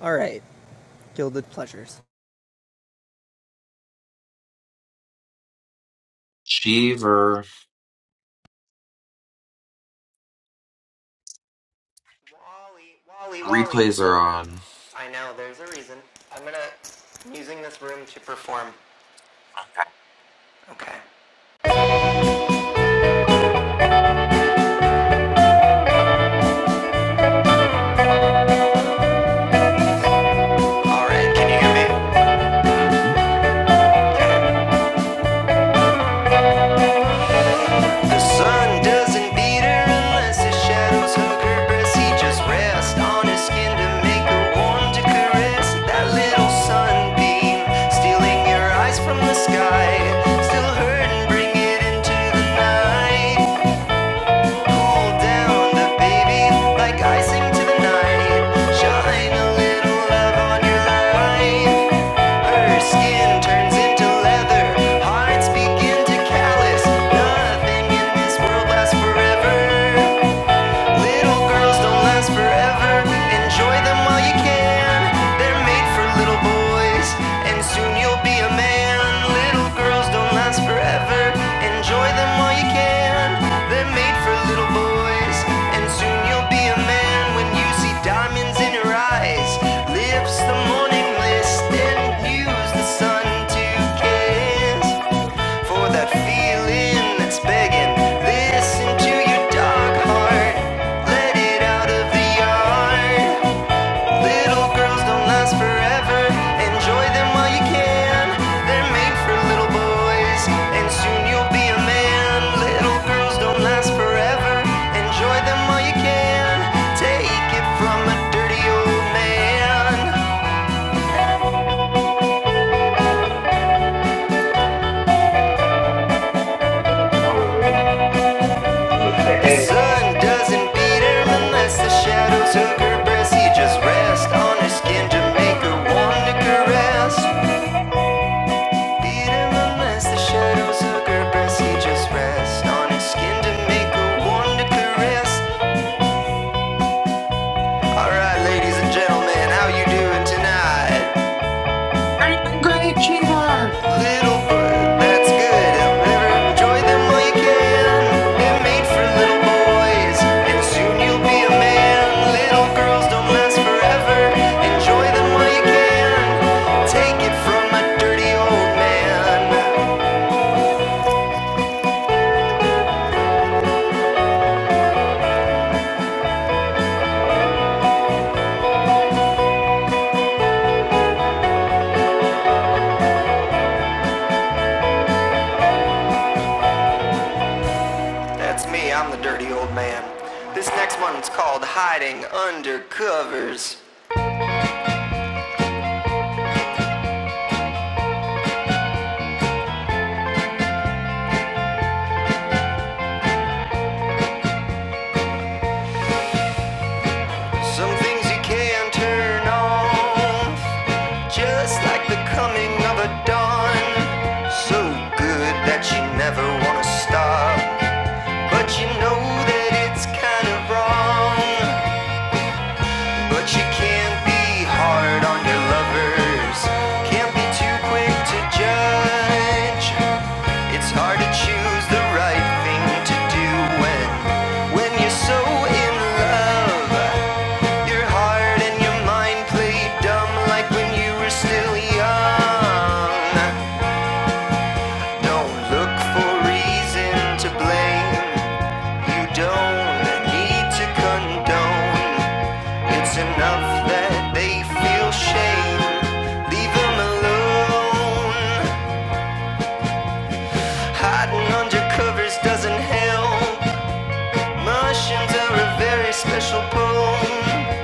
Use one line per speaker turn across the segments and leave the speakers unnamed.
All right, Gilded Pleasures.
Cheever.
Wally, Wally, Wally.
Replays are on.
I know, there's a reason. I'm gonna. I'm using this room to perform. Okay. Alright, can you hear me?
Mhm.
The sun doesn't beat her unless his shadows hug her breast. He just rests on his skin to make her warm to caress. That little sunbeam stealing your eyes from the sky. Still hurt and bring it into the night. hold down the baby like icing to the night. Shine a little love on your life. Her skin turns into leather, hearts begin to callous. Nothing in this world lasts forever. Little girls don't last forever. Enjoy them while you can. They're made for little boys, and soon you'll be a man. Little girls don't last forever. Enjoy them while you can. They're made for little boys, and soon you'll be a man when you see diamonds in her eyes. Lifts the morning list and use the sun to kiss. For that feeling that's begging, listen to your dog heart. Let it out of the yard. Little girls don't last forever. Enjoy them while you can. They're made for little boys, and soon you'll be a man. Little girls don't last forever. Enjoy them while you can. Take it from a dirty old man.
Nigga, roll
The sun doesn't beat him unless the shadows hug her breast. He just rests on her skin to make her warm to caress. Beat him unless the shadows hug her breast. He just rests on her skin to make her warm to caress. Alright, ladies and gentlemen, how you doing tonight?
You're doing great, Cheever.
That's me, I'm the dirty old man. This next one's called Hiding Under Covers. Some things you can't turn off. Just like the coming of a dawn. So good that you never wanna stop. But you know that it's kind of wrong. But you can't be hard on your lovers. Can't be too quick to judge. It's hard to choose the right thing to do when when you're so in love. Your heart and your mind play dumb like when you were still young. Don't look for reason to blame. You don't need to condone. It's enough that they feel shame. Leave them alone. Hiding under covers doesn't help. Mushrooms are a very special poem.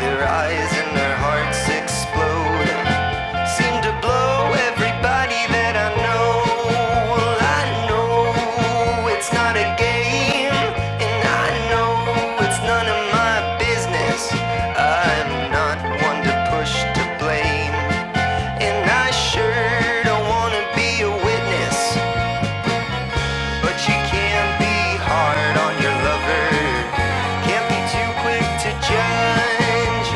Their eyes and their hearts explode. Seem to blow everybody that I know. Well, I know it's not a game. And I know it's none of my business. I'm not one to push to blame. And I sure don't wanna be a witness. But you can't be hard on your lover. Can't be too quick to judge.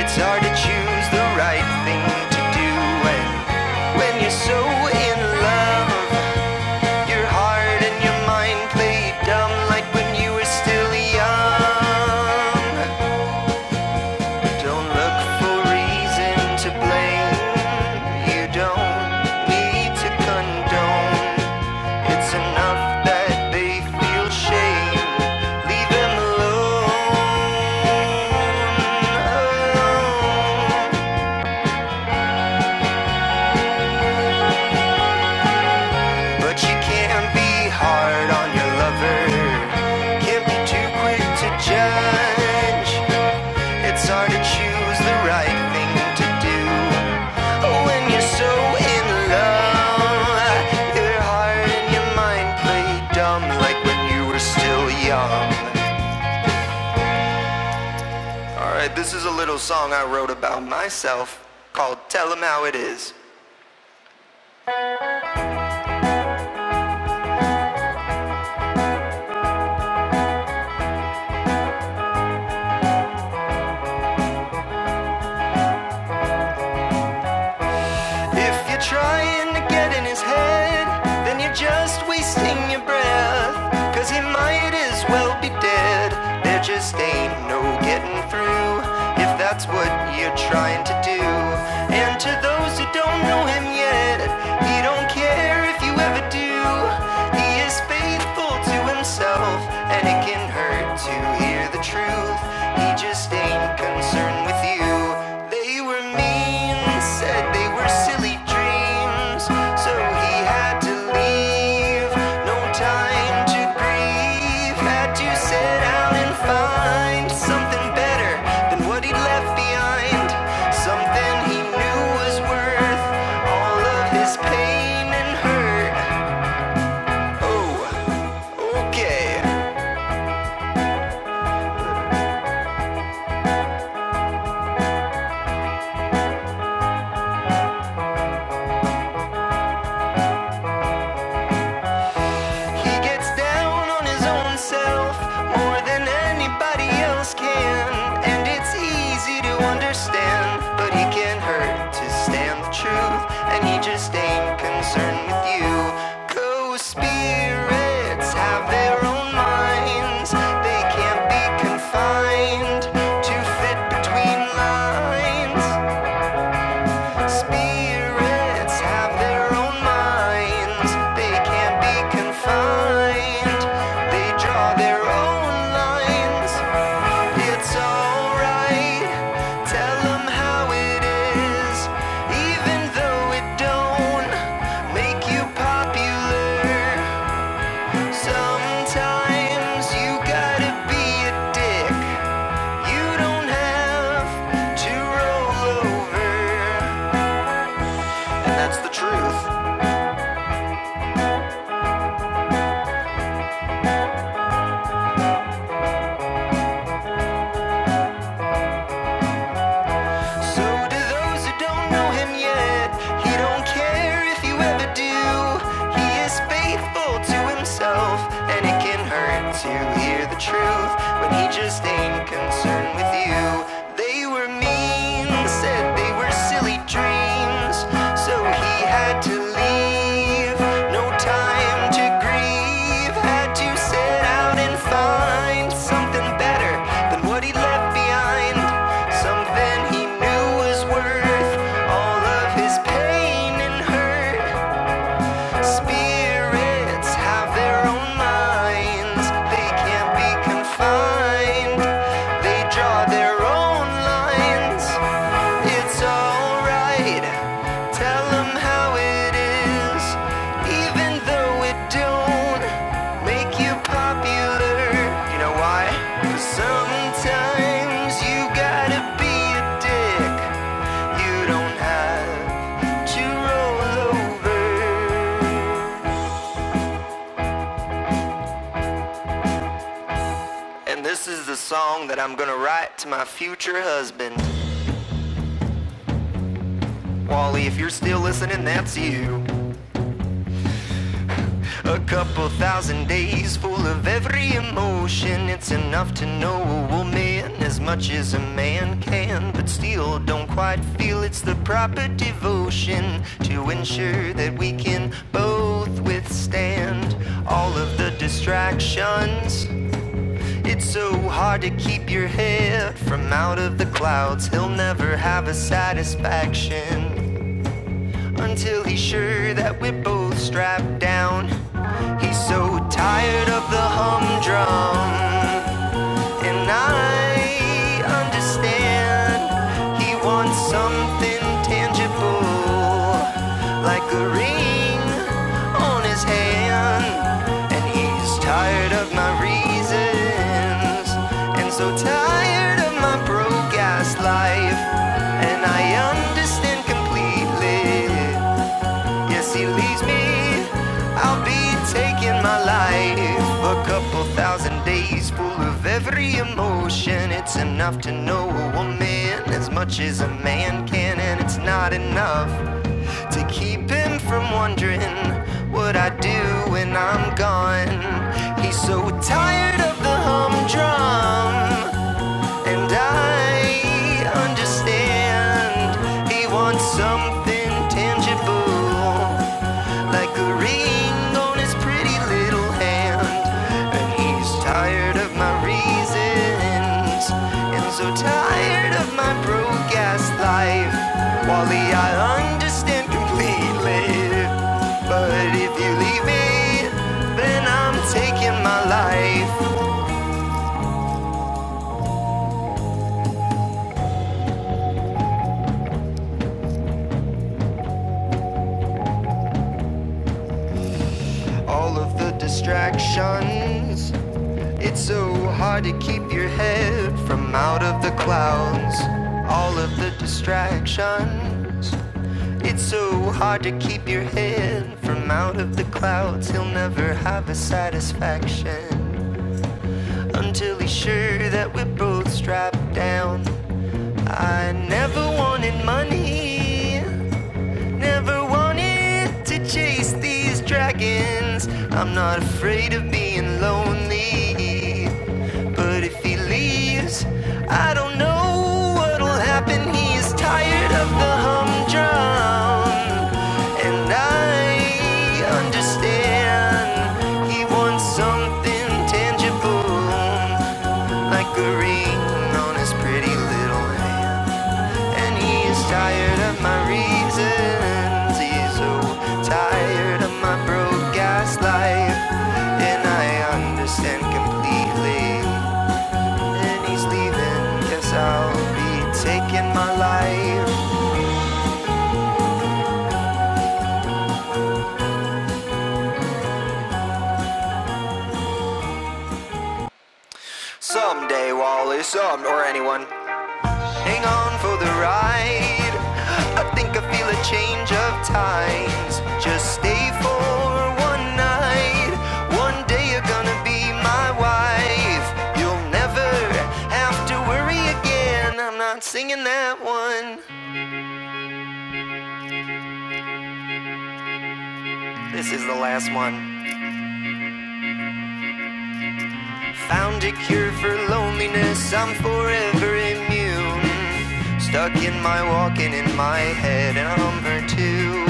It's hard to choose the right thing to do when, when you're so in love. Your heart and your mind play dumb like when you were still young. Don't look for reason to blame. You don't need to condone. It's enough that they feel shame. Leave them alone. But you can't be hard on your lover. Can't be too quick to judge. It's hard to choose the right thing to do when you're so in love. Your heart and your mind play dumb like when you were still young. Alright, this is a little song I wrote about myself called Tell 'em How It Is. If you're trying to get in his head, then you're just wasting your breath. 'Cause he might as well be dead. There just ain't no getting through if that's what you're trying to do. And to those who don't know him yet, he don't care if you ever do. He is faithful to himself, and it can hurt to hear the truth. He just ain't concerned with you. They were mean, said they were silly dreams. So he had to leave. No time to grieve. Had to sit down and find something better than what he'd left behind. Something he knew was worth all of his pain and hurt. Oh, okay. He gets down on his own self more than anybody else can. And it's easy to understand, but he can't hurt to stand the truth. And he just ain't concerned with you. Co spirits have their own minds, they can't be confined to fit between lines. Spirits have their own minds, they can't be confined. They draw their own lines. It's alright, tell them how it is, even though it don't make you popular. Sometimes you gotta be a dick, you don't have to roll over, and that's the truth. So to those who don't know him yet, he don't care if you ever do. He is faithful to himself, and it can hurt to hear the truth when he just ain't concerned with you. They were mean, said they were silly dreams. So he had to leave, no time to grieve. Had to set out and find something better than what he left behind. Something he knew was worth all of his pain and hurt. Spirits have their own minds, they can't be confined. They draw their own lines. It's alright. Tell 'em how it is. Even though it don't make you popular. You know why? 'Cause sometimes you gotta be a dick. You don't have to roll over. And this is the song that I'm gonna write to my future husband. Wally, if you're still listening, that's you. A couple thousand days full of every emotion. It's enough to know a woman as much as a man can, but still don't quite feel it's the proper devotion to ensure that we can both withstand all of the distractions. It's so hard to keep your head from out of the clouds. He'll never have a satisfaction until he's sure that we're both strapped down. He's so tired of the humdrum, and I understand. He wants something tangible, like a ring on his hand, and he's tired of my reasons, and so tired of my broke ass life, and I understand completely. Yes, he leaves me. I'll be taking my life a couple thousand days full of every emotion. It's enough to know a woman as much as a man can, and it's not enough to keep him from wondering what I do when I'm gone. He's so tired of the humdrum. And I understand he wants something tangible like a ring on his pretty little hand. And he's tired of my reasons, and so tired of my broke ass life. Wally, I understand completely, but if you leave me, then I'm taking my life. all of the distractions. It's so hard to keep your head from out of the clouds. All of the distractions. It's so hard to keep your head from out of the clouds. He'll never have a satisfaction until he's sure that we're both strapped down. I never wanted money. Never wanted to chase these dragons. I'm not afraid of being lonely. But if he leaves, I don't know what'll happen. He's tired of the humdrum. And I understand he wants something tangible, like a ring on his pretty little hand. And he's tired of my reasons. He's so tired of my broke ass life. And I understand completely. And he's leaving. Guess I'll be taking my life. Someday, Wally, some or anyone. Hang on for the ride. I think I feel a change of times. Just stay for one night. One day you're gonna be my wife. You'll never have to worry again. I'm not singing that one. This is the last one. Found a cure for loneliness, I'm forever immune. Stuck in my walking in my head, and I'm her too.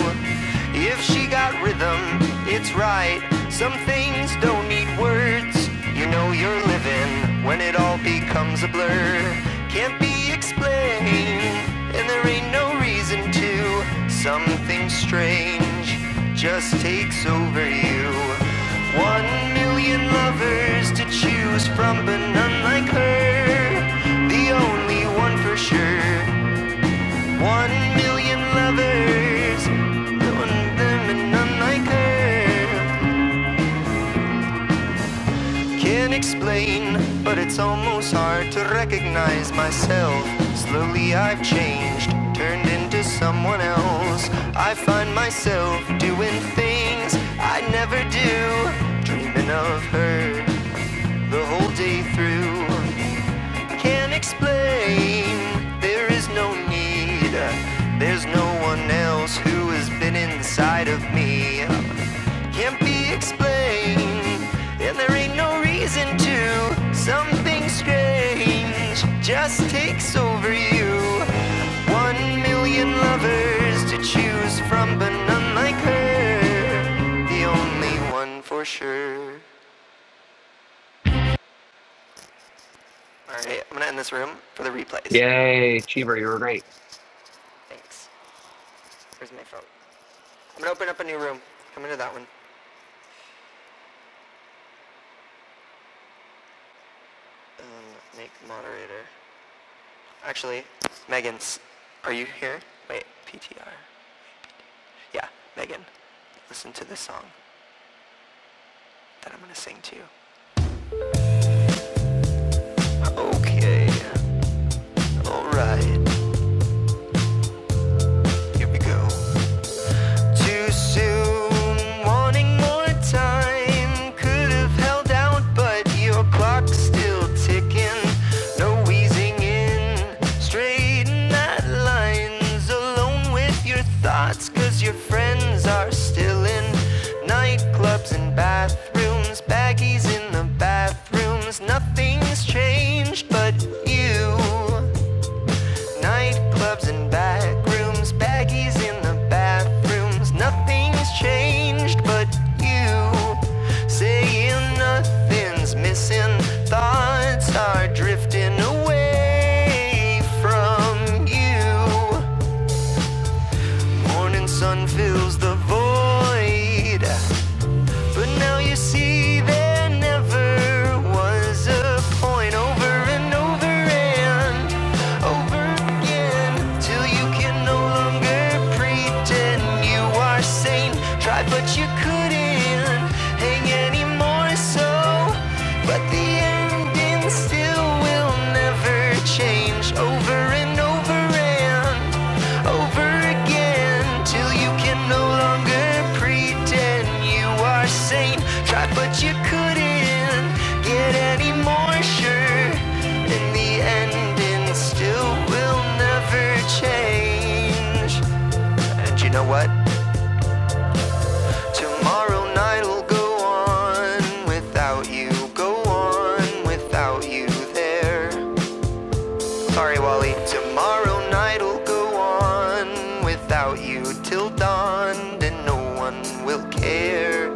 If she got rhythm, it's right. Some things don't need words. You know you're living when it all becomes a blur. Can't be explained, and there ain't no reason to you. Something strange just takes over you. One million lovers to choose from, but none like her. The only one for sure. One million lovers, none one, them, none like her. Can't explain, but it's almost hard to recognize myself. Slowly I've changed, turned into someone else. I find myself doing things I never do, dreaming of her the whole day through. Can't explain, there is no need. There's no one else who has been inside of me can't be explained, and there ain't no reason to. Something strange just takes over you. One million lovers to choose from, but none like her. The only one for sure. All right, I'm gonna end this room for the replays.
Yeah,
Thanks. Where's my phone? I'm gonna open up a new room. Come into that one. Um, make moderator. Actually, Megan's. Are you here? Wait, PTR. Yeah, Megan, listen to this song that I'm gonna sing to you. Okay, alright, here we go. Too soon, wanting more time. Could have held out, but your clock's still ticking. No easing in, straighten that lines. Alone with your thoughts, cause your friends are still in nightclubs and bathrooms, baggies in the bathrooms. Nothing's changed but you. Nightclubs and back rooms, baggies in the bathrooms. Nothing's changed but you. Saying nothing's missing. Thoughts are drifting away from you. Morning sun fills the void. But now you see there never was a point over and over and over again till you can no longer pretend you are sane. Tried but you couldn't hang anymore, so but the ending still will will never change over and over and over again till you can no longer pretend you are sane. Tried but you couldn't get any more sure. In the end, it still will never change. And you know what? Tomorrow night'll go on without you. Go on without you there. sorry, Wally. Tomorrow night'll go on without you till dawn, and no one will care.